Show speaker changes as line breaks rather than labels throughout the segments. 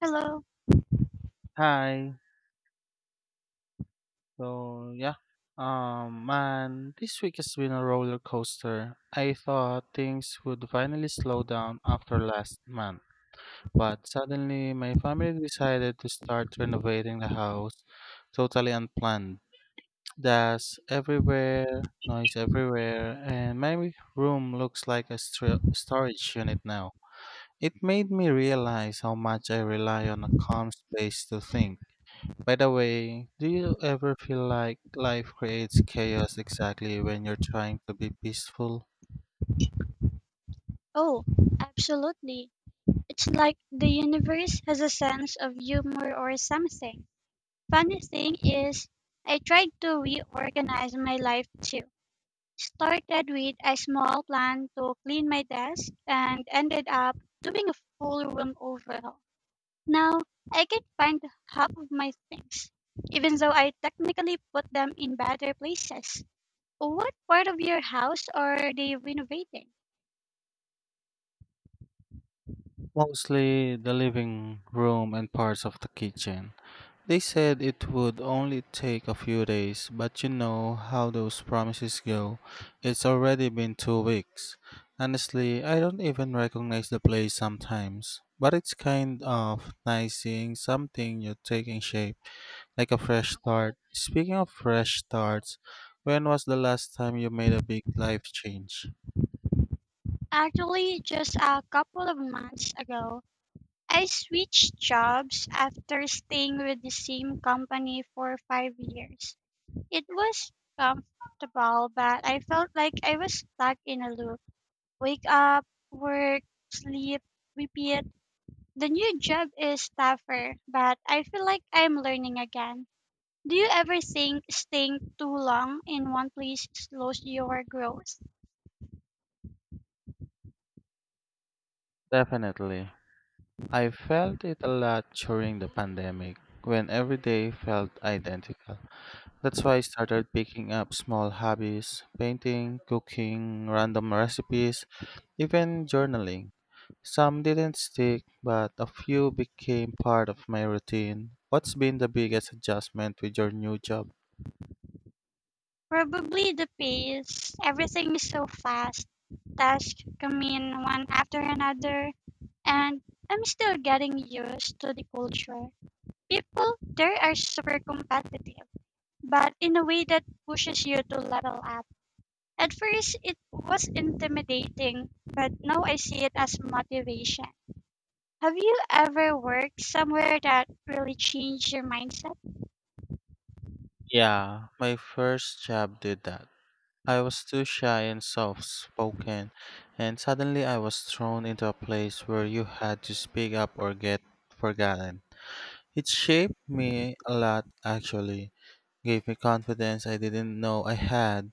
Hello.
Hi. So yeah, man, this week has been a roller coaster. I thought things would finally slow down after last month, but suddenly my family decided to start renovating the house, totally unplanned. Dust everywhere, noise everywhere, and my room looks like a storage unit now. It made me realize how much I rely on a calm space to think. By the way, do you ever feel like life creates chaos exactly when you're trying to be peaceful?
Oh, absolutely. It's like the universe has a sense of humor or something. Funny thing is, I tried to reorganize my life too. Started with a small plan to clean my desk and ended up doing a full room overhaul. Now I can find half of my things, even though I technically put them in better places. What part of your house are they renovating?
Mostly the living room and parts of the kitchen. They said it would only take a few days, but you know how those promises go. It's already been 2 weeks. Honestly, I don't even recognize the place sometimes, but it's kind of nice seeing something you're taking shape. Like a fresh start. Speaking of fresh starts, when was the last time you made a big life change?
Actually, just a couple of months ago, I switched jobs after staying with the same company for 5 years. It was comfortable, but I felt like I was stuck in a loop. Wake up, work, sleep, repeat. The new job is tougher, but I feel like I'm learning again. Do you ever think staying too long in one place slows your growth?
Definitely. I felt it a lot during the pandemic when every day felt identical. That's why I started picking up small hobbies, painting, cooking, random recipes, even journaling. Some didn't stick, but a few became part of my routine. What's been the biggest adjustment with your new job?
Probably the pace. Everything is so fast. Tasks come in one after another, and I'm still getting used to the culture. People there are super competitive, but in a way that pushes you to level up. At first, it was intimidating, but now I see it as motivation. Have you ever worked somewhere that really changed your mindset?
Yeah, my first job did that. I was too shy and soft spoken, and suddenly I was thrown into a place where you had to speak up or get forgotten. It shaped me a lot, actually, gave me confidence I didn't know I had.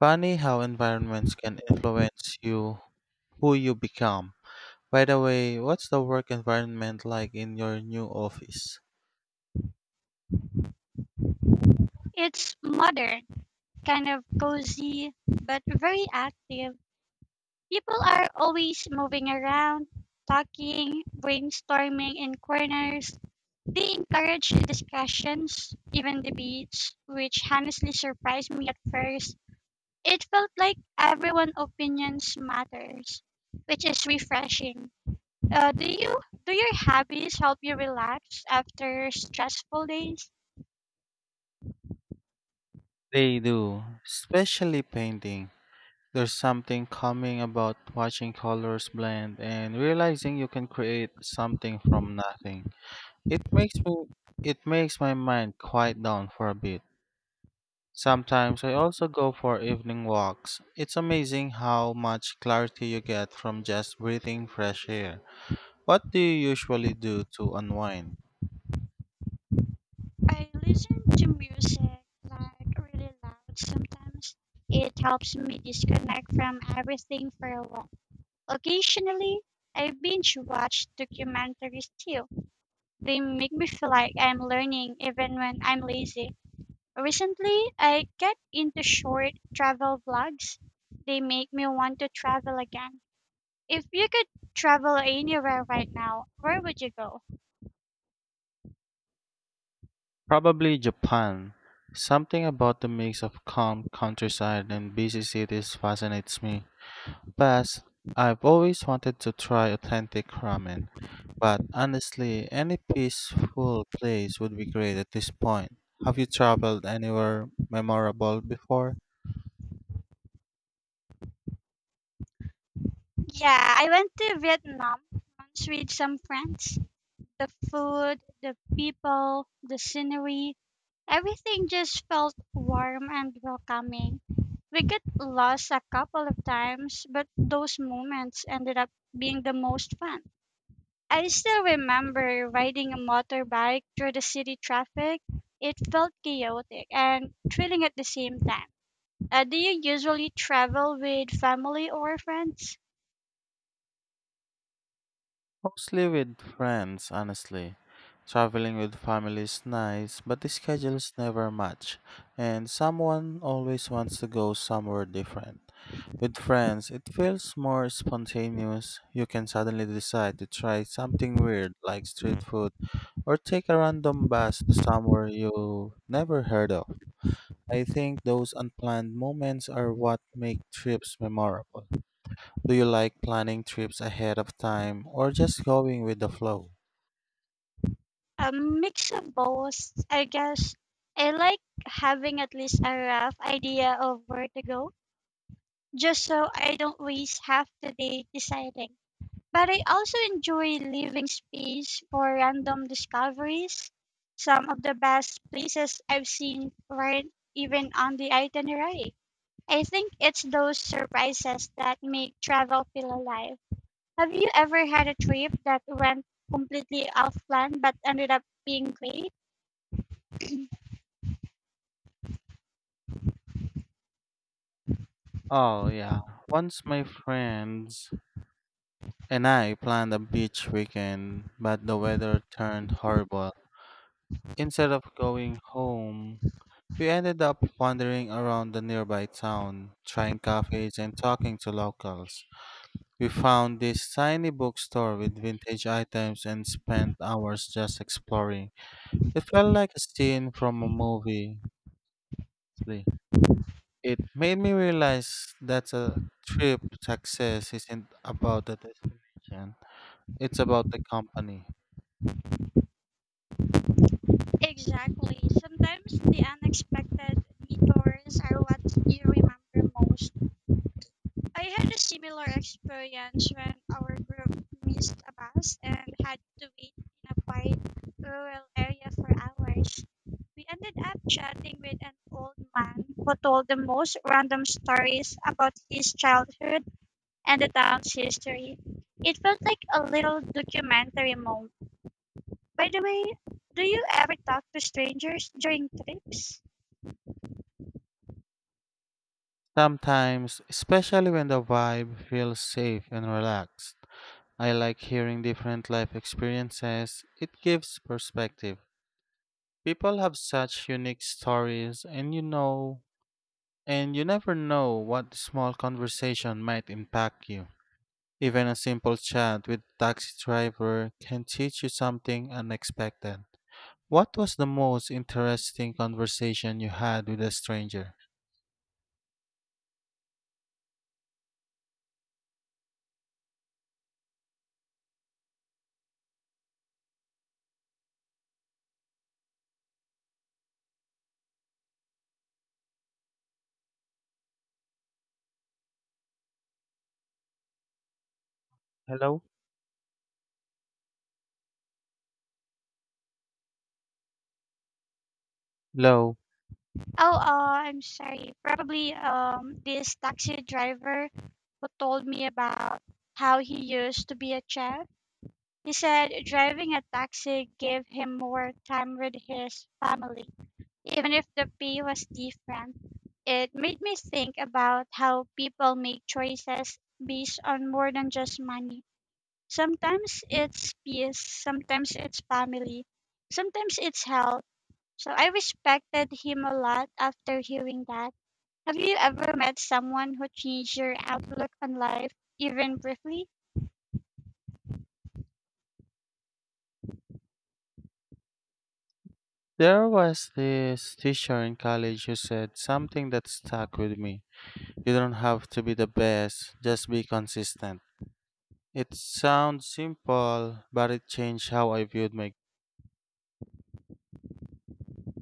Funny how environments can influence you, who you become. By the way, what's the work environment like in your new office?
It's modern, kind of cozy, but very active. People are always moving around, talking, brainstorming in corners. They encourage discussions, even debates, which honestly surprised me at first. It felt like everyone's opinions matters, which is refreshing. Uh, do you do your hobbies help you relax after stressful days?
They do, especially painting. There's something calming about watching colors blend and realizing you can create something from nothing. It makes me it makes my mind quiet down for a bit. Sometimes I also go for evening walks. It's amazing how much clarity you get from just breathing fresh air. What do you usually do to unwind?
I listen to music, like really loud sometimes. It helps me disconnect from everything for a while. Occasionally, I binge watch documentaries too. They make me feel like I'm learning even when I'm lazy. Recently, I get into short travel vlogs. They make me want to travel again. If you could travel anywhere right now, where would you go?
Probably Japan. Something about the mix of calm countryside and busy cities fascinates me. Past, I've always wanted to try authentic ramen, but honestly, any peaceful place would be great at this point. Have you traveled anywhere memorable before?
Yeah, I went to Vietnam once with some friends. The food, the people, the scenery, everything just felt warm and welcoming. We got lost a couple of times, but those moments ended up being the most fun. I still remember riding a motorbike through the city traffic. It felt chaotic and thrilling at the same time. Do you usually travel with family or friends?
Mostly with friends, honestly. Traveling with family is nice, but the schedules never match, and someone always wants to go somewhere different. With friends, it feels more spontaneous. You can suddenly decide to try something weird like street food or take a random bus to somewhere you never heard of. I think those unplanned moments are what make trips memorable. Do you like planning trips ahead of time or just going with the flow?
A mix of both, I guess. I like having at least a rough idea of where to go, just so I don't waste half the day deciding. But I also enjoy leaving space for random discoveries. Some of the best places I've seen weren't even on the itinerary. I think it's those surprises that make travel feel alive. Have you ever had a trip that went completely off plan but ended up being great?
Oh, yeah. Once my friends and I planned a beach weekend, but the weather turned horrible. Instead of going home, we ended up wandering around the nearby town, trying cafes and talking to locals. We found this tiny bookstore with vintage items and spent hours just exploring. It felt like a scene from a movie. It made me realize that a trip success isn't about the destination, it's about the company.
Exactly. Sometimes the unexpected detours are what you remember most. I had a similar experience when our group missed a bus and had to wait in a quiet rural area for hours. We ended up chatting with an old man who told the most random stories about his childhood and the town's history. It felt like a little documentary moment. By the way, do you ever talk to strangers during trips?
Sometimes, especially when the vibe feels safe and relaxed, I like hearing different life experiences. It gives perspective. People have such unique stories, and you know, and you never know what small conversation might impact you. Even a simple chat with taxi driver can teach you something unexpected. What was the most interesting conversation you had with a stranger? Hello? Hello.
Oh, I'm sorry. Probably this taxi driver who told me about how he used to be a chef. He said driving a taxi gave him more time with his family, even if the pay was different. It made me think about how people make choices based on more than just money. Sometimes it's peace, sometimes it's family, sometimes it's health. So I respected him a lot after hearing that. Have you ever met someone who changed your outlook on life, even briefly?
There was this teacher in college who said something that stuck with me. You don't have to be the best, just be consistent. It sounds simple, but it changed how I viewed my.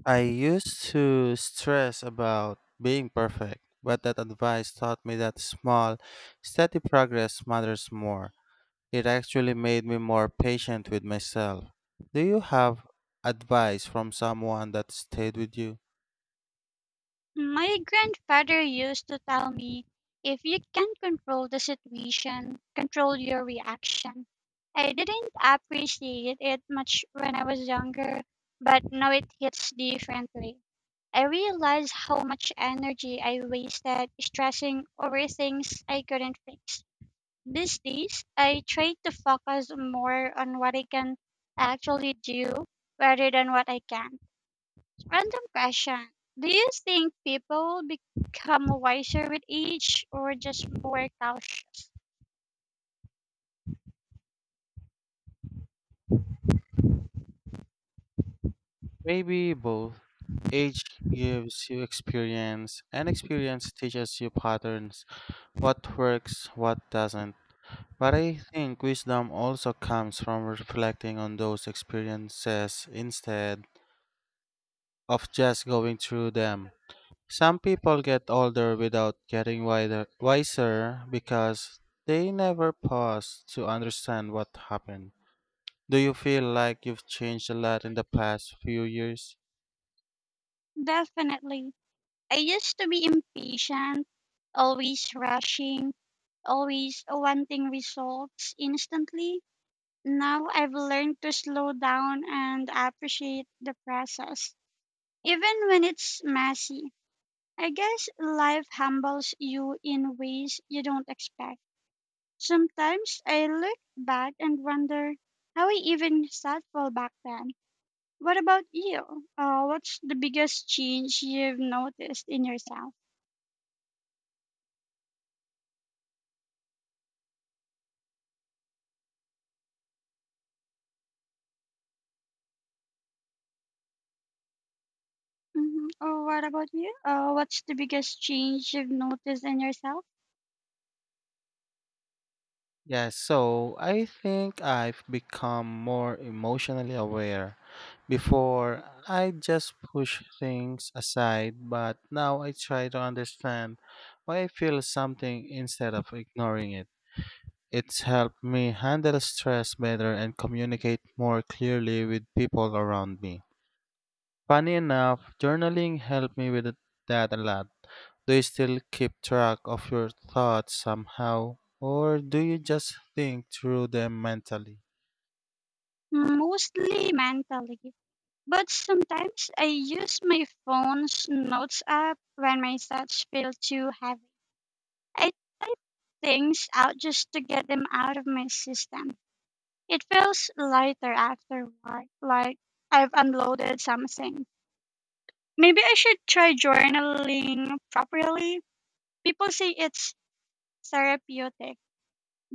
I used to stress about being perfect, but that advice taught me that small, steady progress matters more. It actually made me more patient with myself. Do you have advice from someone that stayed with you?
My grandfather used to tell me, if you can't control the situation, control your reaction. I didn't appreciate it much when I was younger, but now it hits differently. I realize how much energy I wasted stressing over things I couldn't fix. These days, I try to focus more on what I can actually do rather than what I can't. Random question. Do you think people become wiser with age or just more cautious?
Maybe both. Age gives you experience, and experience teaches you patterns, what works, what doesn't. But I think wisdom also comes from reflecting on those experiences instead of just going through them. Some people get older without getting wiser because they never pause to understand what happened. Do you feel like you've changed a lot in the past few years?
Definitely. I used to be impatient, always rushing, always wanting results instantly. Now I've learned to slow down and appreciate the process, even when it's messy. I guess life humbles you in ways you don't expect. Sometimes I look back and wonder how I even thoughtful back then. What about you? What's the biggest change you've noticed in yourself? Oh, what about you? What's the biggest change you've noticed in yourself?
Yes, so I think I've become more emotionally aware. Before, I just push things aside, but now I try to understand why I feel something instead of ignoring it. It's helped me handle stress better and communicate more clearly with people around me. Funny enough, journaling helped me with that a lot. Do you still keep track of your thoughts somehow, or do you just think through them mentally?
Mostly mentally. But sometimes I use my phone's notes app when my thoughts feel too heavy. I type things out just to get them out of my system. It feels lighter afterward, like I've unloaded something. Maybe I should try journaling properly. People say it's therapeutic.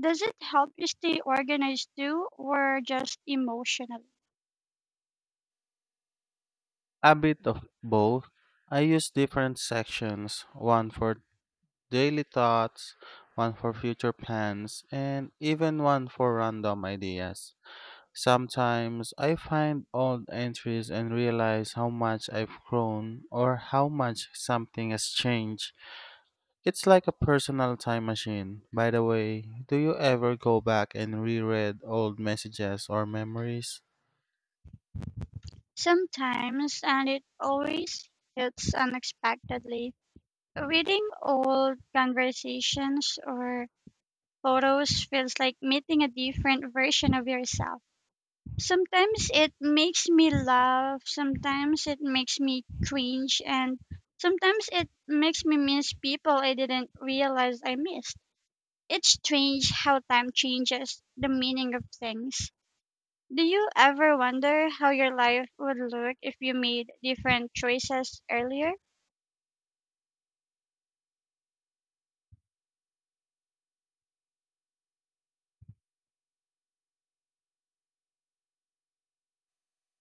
Does it help you stay organized too, or just emotionally?
A bit of both. I use different sections, one for daily thoughts, one for future plans, and even one for random ideas. Sometimes I find old entries and realize how much I've grown or how much something has changed. It's like a personal time machine. By the way, do you ever go back and reread old messages or memories?
Sometimes, and it always hits unexpectedly. Reading old conversations or photos feels like meeting a different version of yourself. Sometimes it makes me laugh, sometimes it makes me cringe, and sometimes it makes me miss people I didn't realize I missed. It's strange how time changes the meaning of things. Do you ever wonder how your life would look if you made different choices earlier?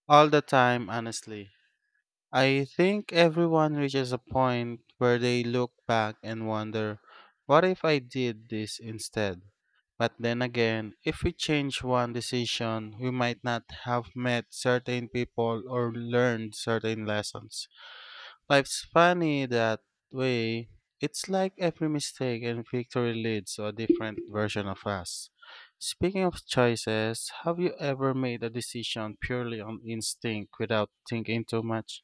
All the time, honestly. I think everyone reaches a point where they look back and wonder, what if I did this instead? But then again, if we change one decision, we might not have met certain people or learned certain lessons. Life's funny that way. It's like every mistake and victory leads to a different version of us. Speaking of choices, have you ever made a decision purely on instinct without thinking too much?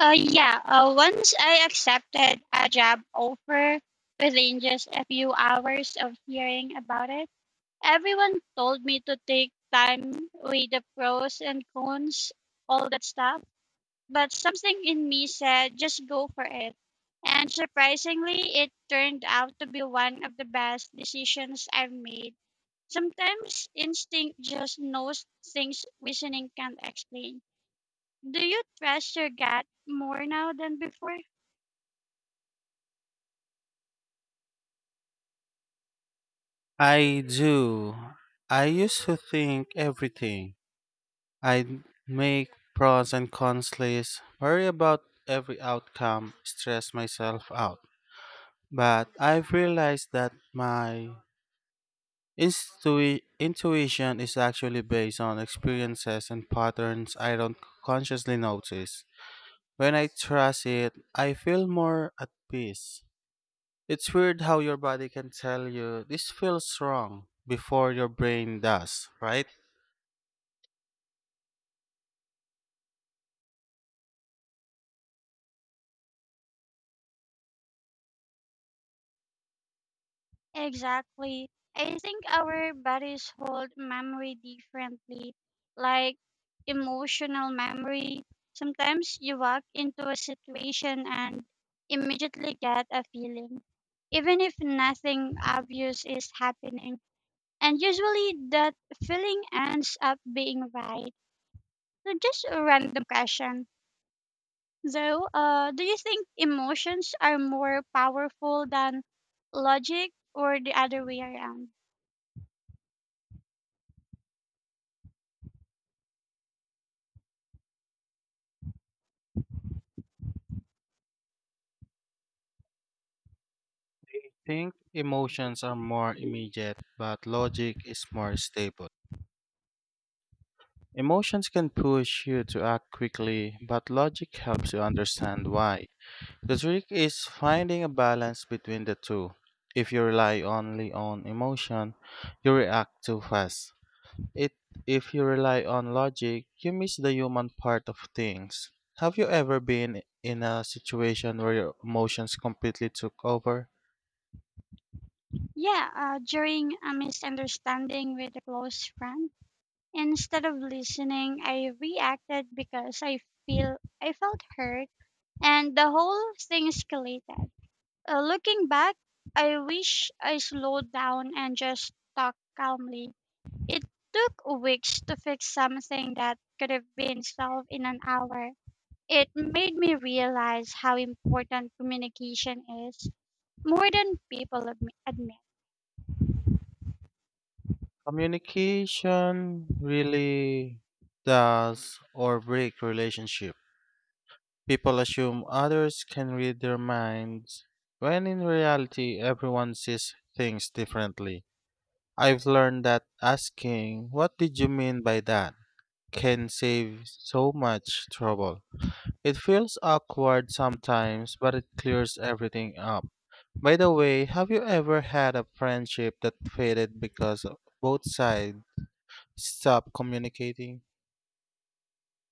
Yeah, once I accepted a job offer within just a few hours of hearing about it. Everyone told me to take time, weigh the pros and cons, all that stuff. But something in me said, just go for it. And surprisingly, it turned out to be one of the best decisions I've made. Sometimes instinct just knows things reasoning can't explain. Do you trust your gut more now than before?
I do. I used to think everything. I'd make pros and cons lists, worry about every outcome, stress myself out. But I've realized that my intuition is actually based on experiences and patterns I don't consciously notice. When I trust it, I feel more at peace. It's weird how your body can tell you this feels wrong before your brain does, right?
Exactly. I think our bodies hold memory differently, like emotional memory. Sometimes you walk into a situation and immediately get a feeling, even if nothing obvious is happening. And usually that feeling ends up being right. So just a random question. So, do you think emotions are more powerful than logic or the other way around?
Think emotions are more immediate, but logic is more stable. Emotions can push you to act quickly, but logic helps you understand why. The trick is finding a balance between the two. If you rely only on emotion, you react too fast. It, if you rely on logic, you miss the human part of things. Have you ever been in a situation where your emotions completely took over?
Yeah, during a misunderstanding with a close friend, instead of listening, I reacted because I felt hurt, and the whole thing escalated. Looking back, I wish I slowed down and just talked calmly. It took weeks to fix something that could have been solved in an hour. It made me realize how important communication is, more than people admit.
Communication really does or break relationship. People assume others can read their minds, when in reality, everyone sees things differently. I've learned that asking, "What did you mean by that?" can save so much trouble. It feels awkward sometimes, but it clears everything up. By the way, have you ever had a friendship that faded because both sides stop communicating?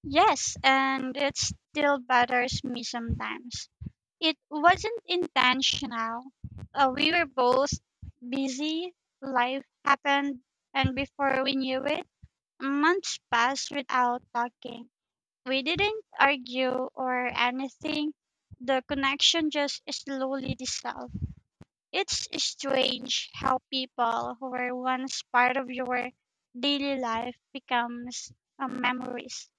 Yes, and it still bothers me sometimes. It wasn't intentional. We were both busy, life happened, and before we knew it, months passed without talking. We didn't argue or anything. The connection just slowly dissolved. It's strange how people who were once part of your daily life becomes, memories.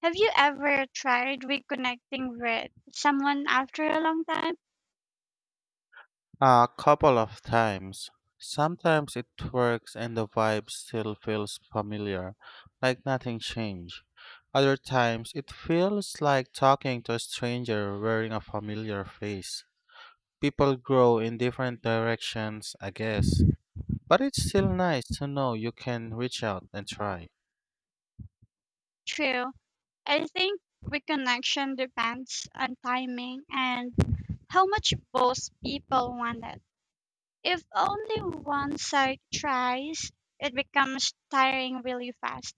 Have you ever tried reconnecting with someone after a long time?
A couple of times. Sometimes it works and the vibe still feels familiar, like nothing changed. Other times it feels like talking to a stranger wearing a familiar face. People grow in different directions, I guess, but it's still nice to know you can reach out and try.
True. I think reconnection depends on timing and how much both people want it. If only one side tries, it becomes tiring really fast.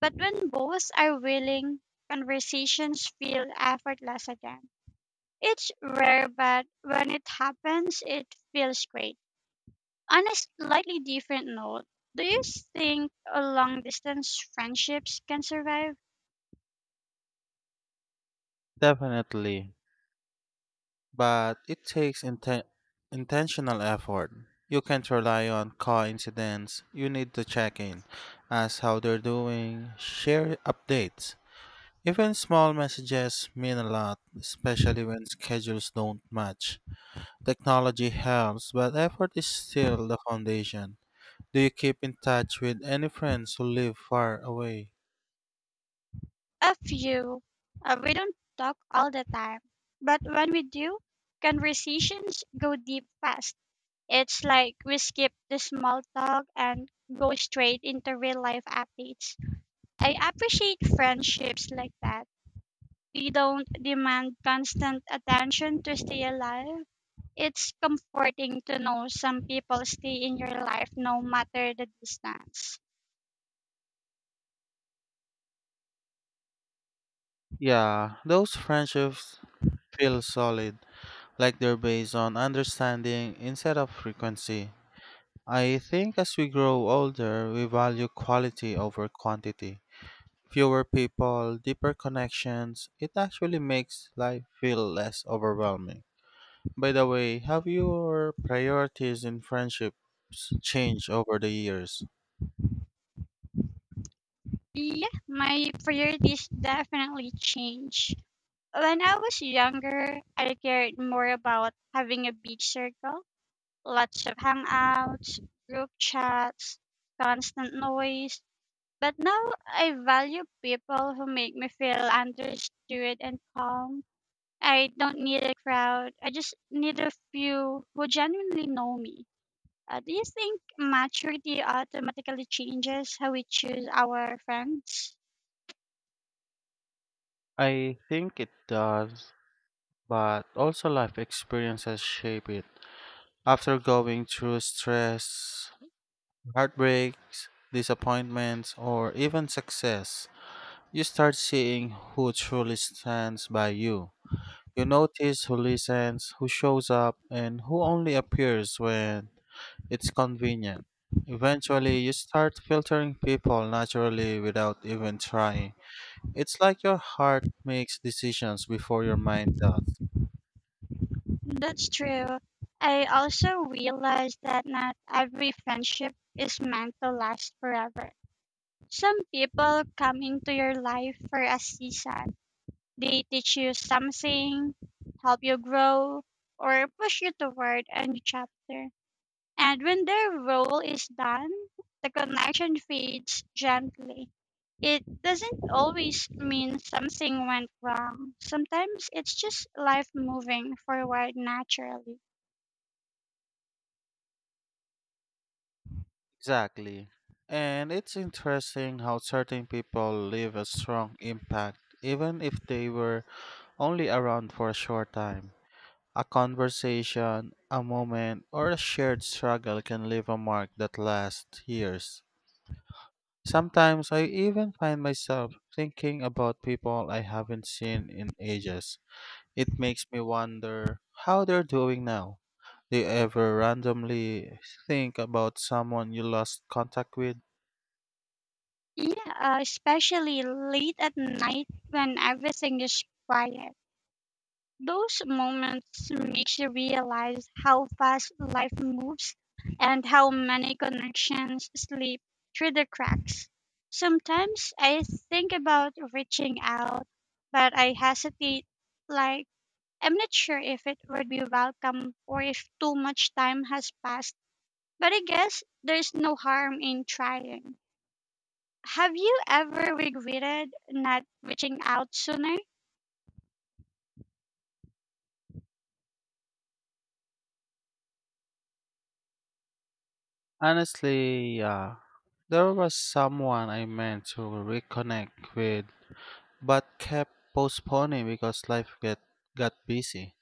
But when both are willing, conversations feel effortless again. It's rare, but when it happens, it feels great. On a slightly different note, do you think a long distance friendships can survive?
Definitely. But it takes intentional effort. You can't rely on coincidence. You need to check in, ask how they're doing, share updates. Even small messages mean a lot, especially when schedules don't match. Technology helps, but effort is still the foundation. Do you keep in touch with any friends who live far away?
A few. We don't talk all the time, but when we do, conversations go deep fast. It's like we skip the small talk and go straight into real life updates. I appreciate friendships like that. They don't demand constant attention to stay alive. It's comforting to know some people stay in your life no matter the distance.
Yeah, those friendships feel solid, like they're based on understanding instead of frequency. I think as we grow older, we value quality over quantity. Fewer people, deeper connections, it actually makes life feel less overwhelming. By the way, have your priorities in friendships changed over the years?
Yeah, my priorities definitely change. When I was younger, I cared more about having a big circle, lots of hangouts, group chats, constant noise. But now I value people who make me feel understood and calm. I don't need a crowd. I just need a few who genuinely know me. Do you think maturity automatically changes how we choose our friends?
I think it does, but also life experiences shape it. After going through stress, heartbreaks, disappointments, or even success, you start seeing who truly stands by you. You notice who listens, who shows up, and who only appears when it's convenient. Eventually, you start filtering people naturally without even trying. It's like your heart makes decisions before your mind does.
That's true. I also realized that not every friendship is meant to last forever. Some people come into your life for a season. They teach you something, help you grow, or push you toward a new chapter. And when their role is done, the connection fades gently. It doesn't always mean something went wrong. Sometimes it's just life moving forward naturally.
Exactly. And it's interesting how certain people leave a strong impact even if they were only around for a short time. A conversation, a moment, or a shared struggle can leave a mark that lasts years. Sometimes I even find myself thinking about people I haven't seen in ages. It makes me wonder how they're doing now. Do you ever randomly think about someone you lost contact with?
Yeah, especially late at night when everything is quiet. Those moments make you realize how fast life moves and how many connections slip through the cracks. Sometimes I think about reaching out, but I hesitate. Like, I'm not sure if it would be welcome or if too much time has passed, but I guess there's no harm in trying. Have you ever regretted not reaching out sooner?
Honestly, yeah. There was someone I meant to reconnect with, but kept postponing because got busy.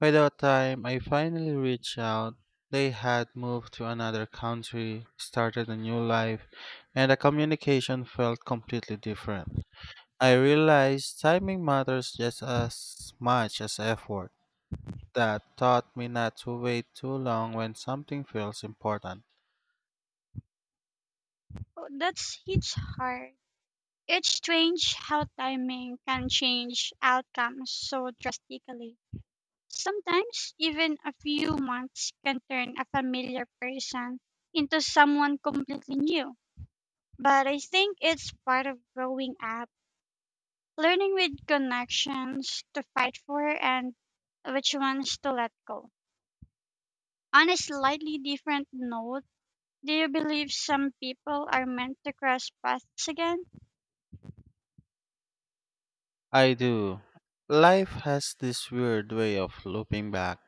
By the time I finally reached out, they had moved to another country, started a new life, and the communication felt completely different. I realized timing matters just as much as effort. That taught me not to wait too long when something feels important.
Oh, that's hits hard. It's strange how timing can change outcomes so drastically. Sometimes, even a few months can turn a familiar person into someone completely new. But I think it's part of growing up, learning with connections to fight for and which ones to let go. On a slightly different note, do you believe some people are meant to cross paths again?
I do. Life has this weird way of looping back.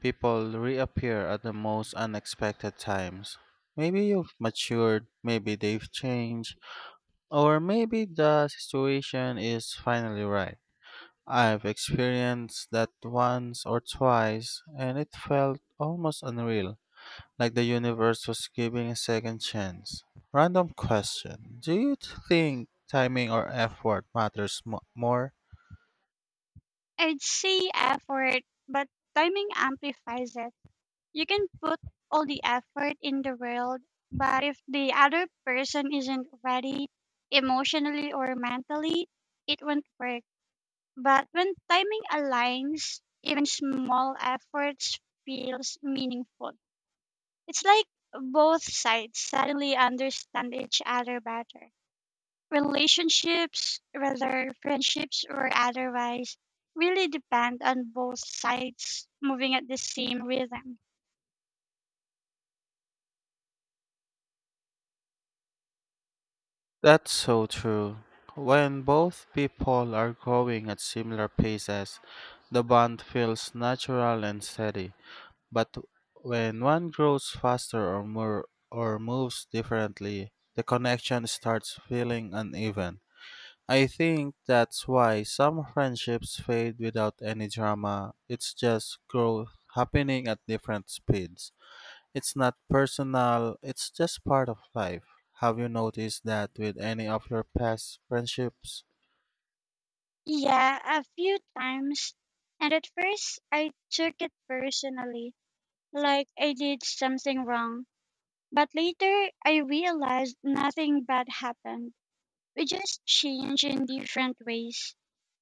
People reappear at the most unexpected times. Maybe you've matured, maybe they've changed, or maybe the situation is finally right. I've experienced that once or twice, and it felt almost unreal, like the universe was giving a second chance. Random question. Do you think timing or effort matters more?
I'd say effort, but timing amplifies it. You can put all the effort in the world, but if the other person isn't ready emotionally or mentally, it won't work. But when timing aligns, even small efforts feels meaningful. It's like both sides suddenly understand each other better. Relationships, whether friendships or otherwise, really depend on both sides moving at the same rhythm.
That's so true. When both people are growing at similar paces, the bond feels natural and steady. But when one grows faster or more or moves differently, the connection starts feeling uneven. I think that's why some friendships fade without any drama. It's just growth happening at different speeds. It's not personal, it's just part of life. Have you noticed that with any of your past friendships?
Yeah, a few times. And at first, I took it personally, like I did something wrong. But later, I realized nothing bad happened. We just changed in different ways.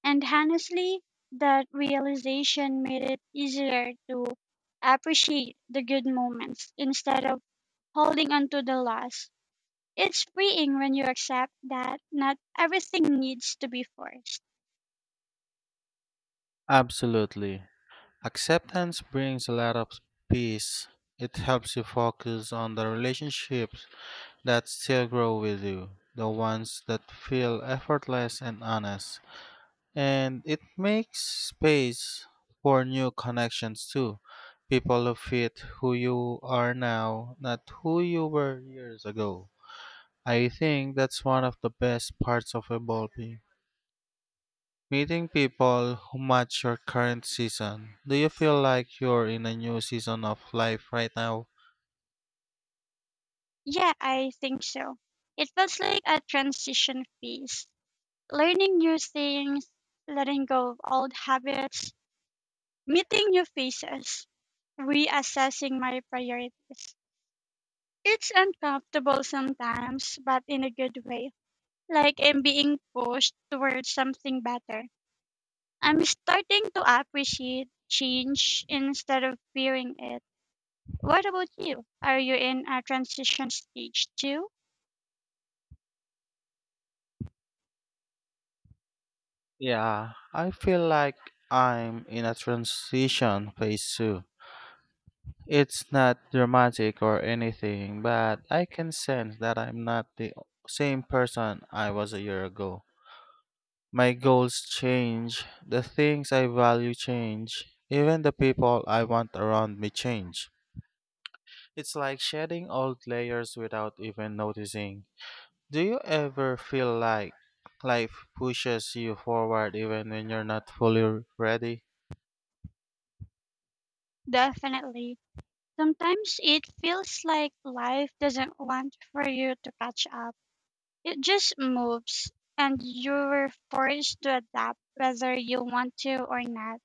And honestly, that realization made it easier to appreciate the good moments instead of holding on to the loss. It's freeing when you accept that not everything needs to be forced.
Absolutely. Acceptance brings a lot of peace. It helps you focus on the relationship that still grow with you, the ones that feel effortless and honest. And it makes space for new connections too. People who fit who you are now, not who you were years ago. I think that's one of the best parts of evolving. Meeting people who match your current season. Do you feel like you're in a new season of life right now?
Yeah, I think so. It feels like a transition phase. Learning new things, letting go of old habits, meeting new faces, reassessing my priorities. It's uncomfortable sometimes, but in a good way. Like I'm being pushed towards something better. I'm starting to appreciate change instead of fearing it. What about you? Are you in a transition stage too?
Yeah, I feel like I'm in a transition phase too. It's not dramatic or anything, but I can sense that I'm not the same person I was a year ago. My goals change, the things I value change, even the people I want around me change. It's like shedding old layers without even noticing. Do you ever feel like life pushes you forward even when you're not fully ready?
Definitely. Sometimes it feels like life doesn't want for you to catch up. It just moves and you're forced to adapt whether you want to or not.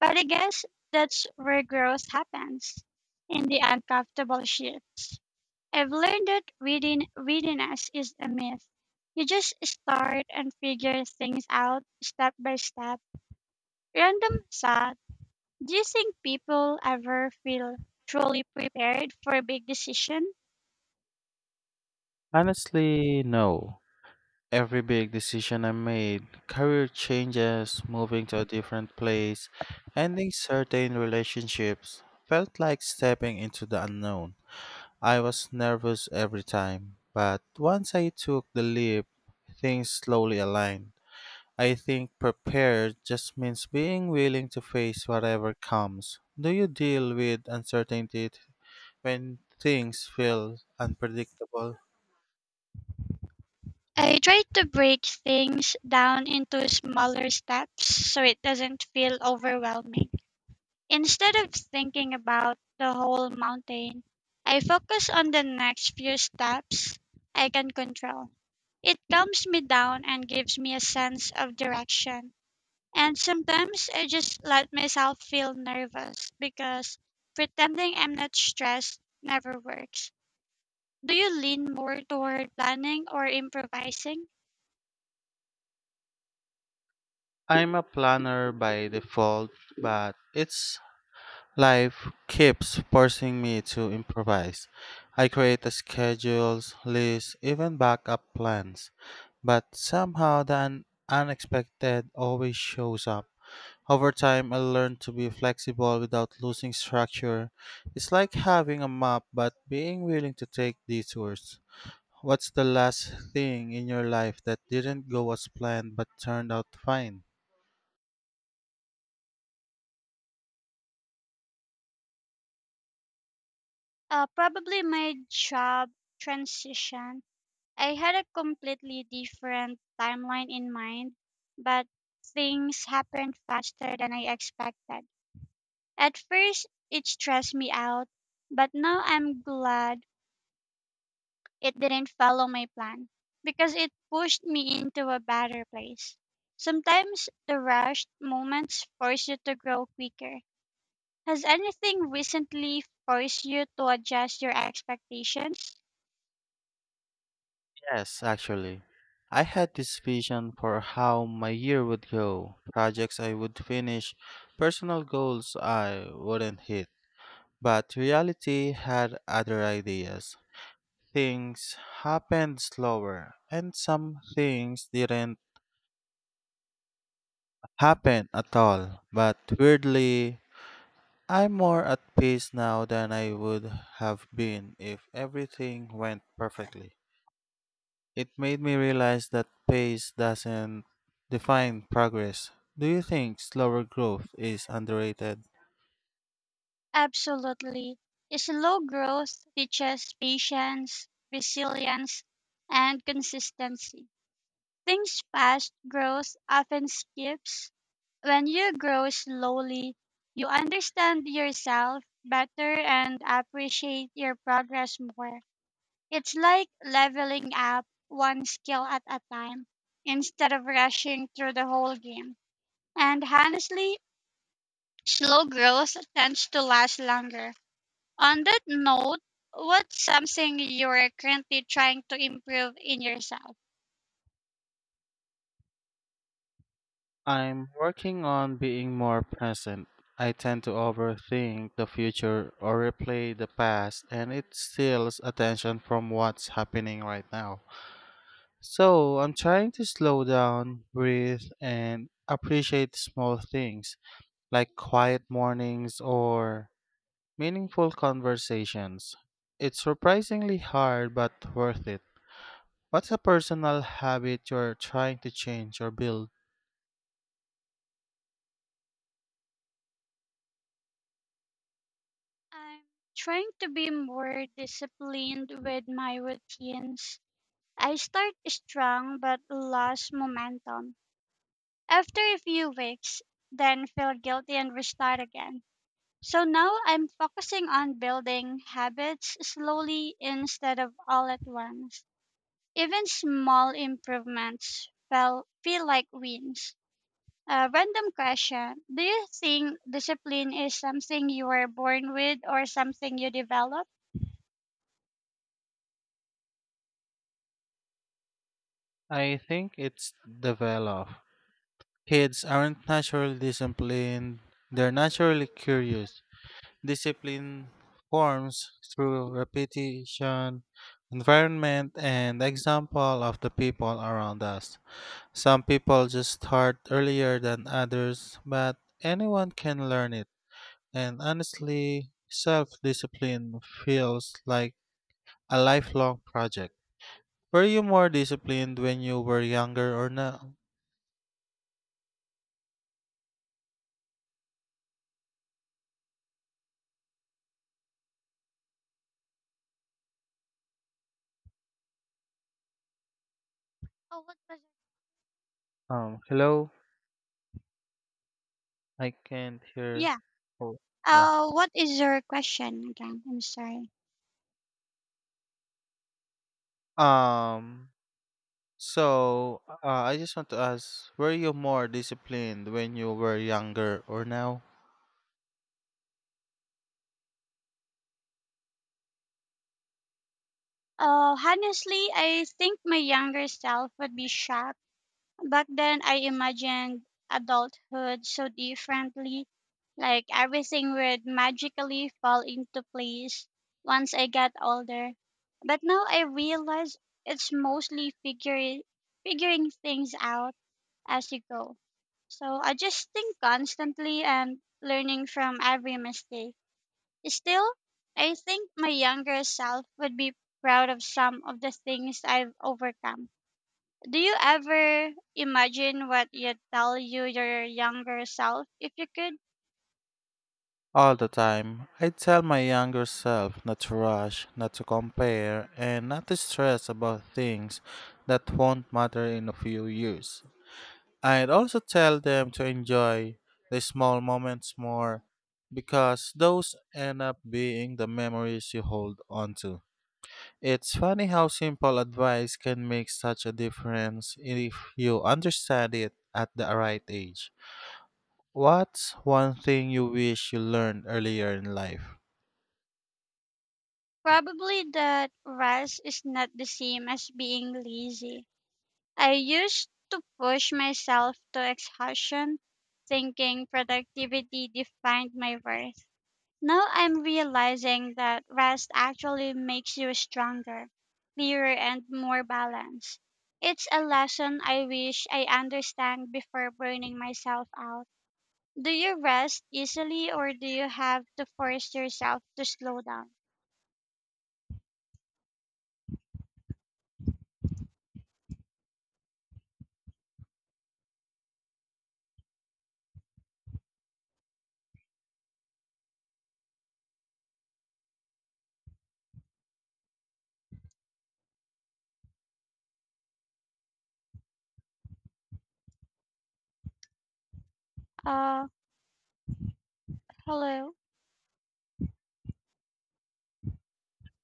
But I guess that's where growth happens in the uncomfortable shifts. I've learned that reading readiness is a myth. You just start and figure things out step by step. Random thought. Do you think people ever feel truly prepared for a big decision?
Honestly, no. Every big decision I made, career changes, moving to a different place, ending certain relationships, felt like stepping into the unknown. I was nervous every time, but once I took the leap, things slowly aligned. I think prepared just means being willing to face whatever comes. Do you deal with uncertainty when things feel unpredictable?
I try to break things down into smaller steps so it doesn't feel overwhelming. Instead of thinking about the whole mountain, I focus on the next few steps I can control. It calms me down and gives me a sense of direction. And sometimes I just let myself feel nervous because pretending I'm not stressed never works. Do you lean more toward planning or improvising?
I'm a planner by default, but it's Life keeps forcing me to improvise. I create schedules, lists, even backup plans, but somehow the unexpected always shows up. Over time, I learned to be flexible without losing structure. It's like having a map but being willing to take detours. What's the last thing in your life that didn't go as planned but turned out fine?
Probably my job transition. I had a completely different timeline in mind, but things happened faster than I expected. At first, it stressed me out, but now I'm glad it didn't follow my plan because it pushed me into a better place. Sometimes the rushed moments force you to grow quicker. Has anything recently forced you to adjust your expectations?
Yes, actually. I had this vision for how my year would go, projects I would finish, personal goals I wouldn't hit. But reality had other ideas. Things happened slower, and some things didn't happen at all. But weirdly, I'm more at peace now than I would have been if everything went perfectly. It made me realize that pace doesn't define progress. Do you think slower growth is underrated?
Absolutely. Slow growth teaches patience, resilience, and consistency. Things fast growth often skips. When you grow slowly, you understand yourself better and appreciate your progress more. It's like leveling up one skill at a time instead of rushing through the whole game. And honestly, slow growth tends to last longer. On that note, what's something you're currently trying to improve in yourself?
I'm working on being more present. I tend to overthink the future or replay the past, and it steals attention from what's happening right now. So I'm trying to slow down, breathe, and appreciate small things like quiet mornings or meaningful conversations. It's surprisingly hard but worth it. What's a personal habit you're trying to change or build?
I'm trying to be more disciplined with my routines. I start strong but lost momentum after a few weeks, then feel guilty and restart again. So now I'm focusing on building habits slowly instead of all at once. Even small improvements feel like wins. A random question. Do you think discipline is something you were born with or something you develop?
I think it's develop. Kids aren't naturally disciplined, they're naturally curious. Discipline forms through repetition, environment, and example of the people around us. Some people just start earlier than others, but anyone can learn it. And honestly, self discipline feels like a lifelong project. Were you more disciplined when you were younger or now?
Oh, what was.
Hello? I can't hear.
Yeah.
Oh, yeah.
What is your question again? I'm sorry.
Um, so I just want to ask were you more disciplined when you were younger or now?
Honestly, I think my younger self would be shocked. Back then, I imagined adulthood so differently. Like everything would magically fall into place once I got older. But now I realize it's mostly figuring things out as you go. So adjusting constantly and learning from every mistake. Still, I think my younger self would be proud of some of the things I've overcome. Do you ever imagine what you'd tell your younger self if you could?
All the time. I tell my younger self not to rush, not to compare, and not to stress about things that won't matter in a few years. I'd also tell them to enjoy the small moments more because those end up being the memories you hold on to. It's funny how simple advice can make such a difference if you understand it at the right age. What's one thing you wish you learned earlier in life?
Probably that rest is not the same as being lazy. I used to push myself to exhaustion, thinking productivity defined my worth. Now I'm realizing that rest actually makes you stronger, clearer, and more balanced. It's a lesson I wish I understand before burning myself out. Do you rest easily or do you have to force yourself to slow down? Uh, Hello.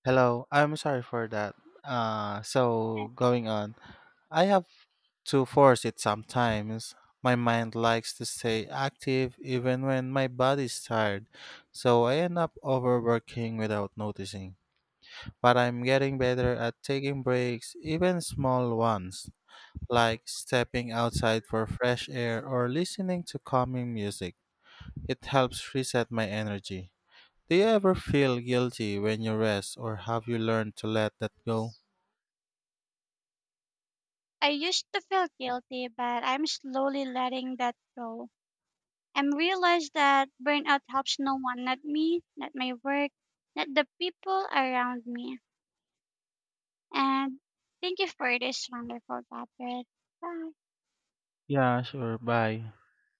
Hello, I'm sorry for that. So going on, I have to force it sometimes. My mind likes to stay active even when my body's tired, so I end up overworking without noticing. But I'm getting better at taking breaks, even small ones, like stepping outside for fresh air or listening to calming music. It helps reset my energy. Do you ever feel guilty when you rest, or have you learned to let that go?
I used to feel guilty, but I'm slowly letting that go. I'm realized that burnout helps no one, not me, not my work, not the people around me. And thank you for this wonderful topic. Bye.
Yeah, sure. Bye.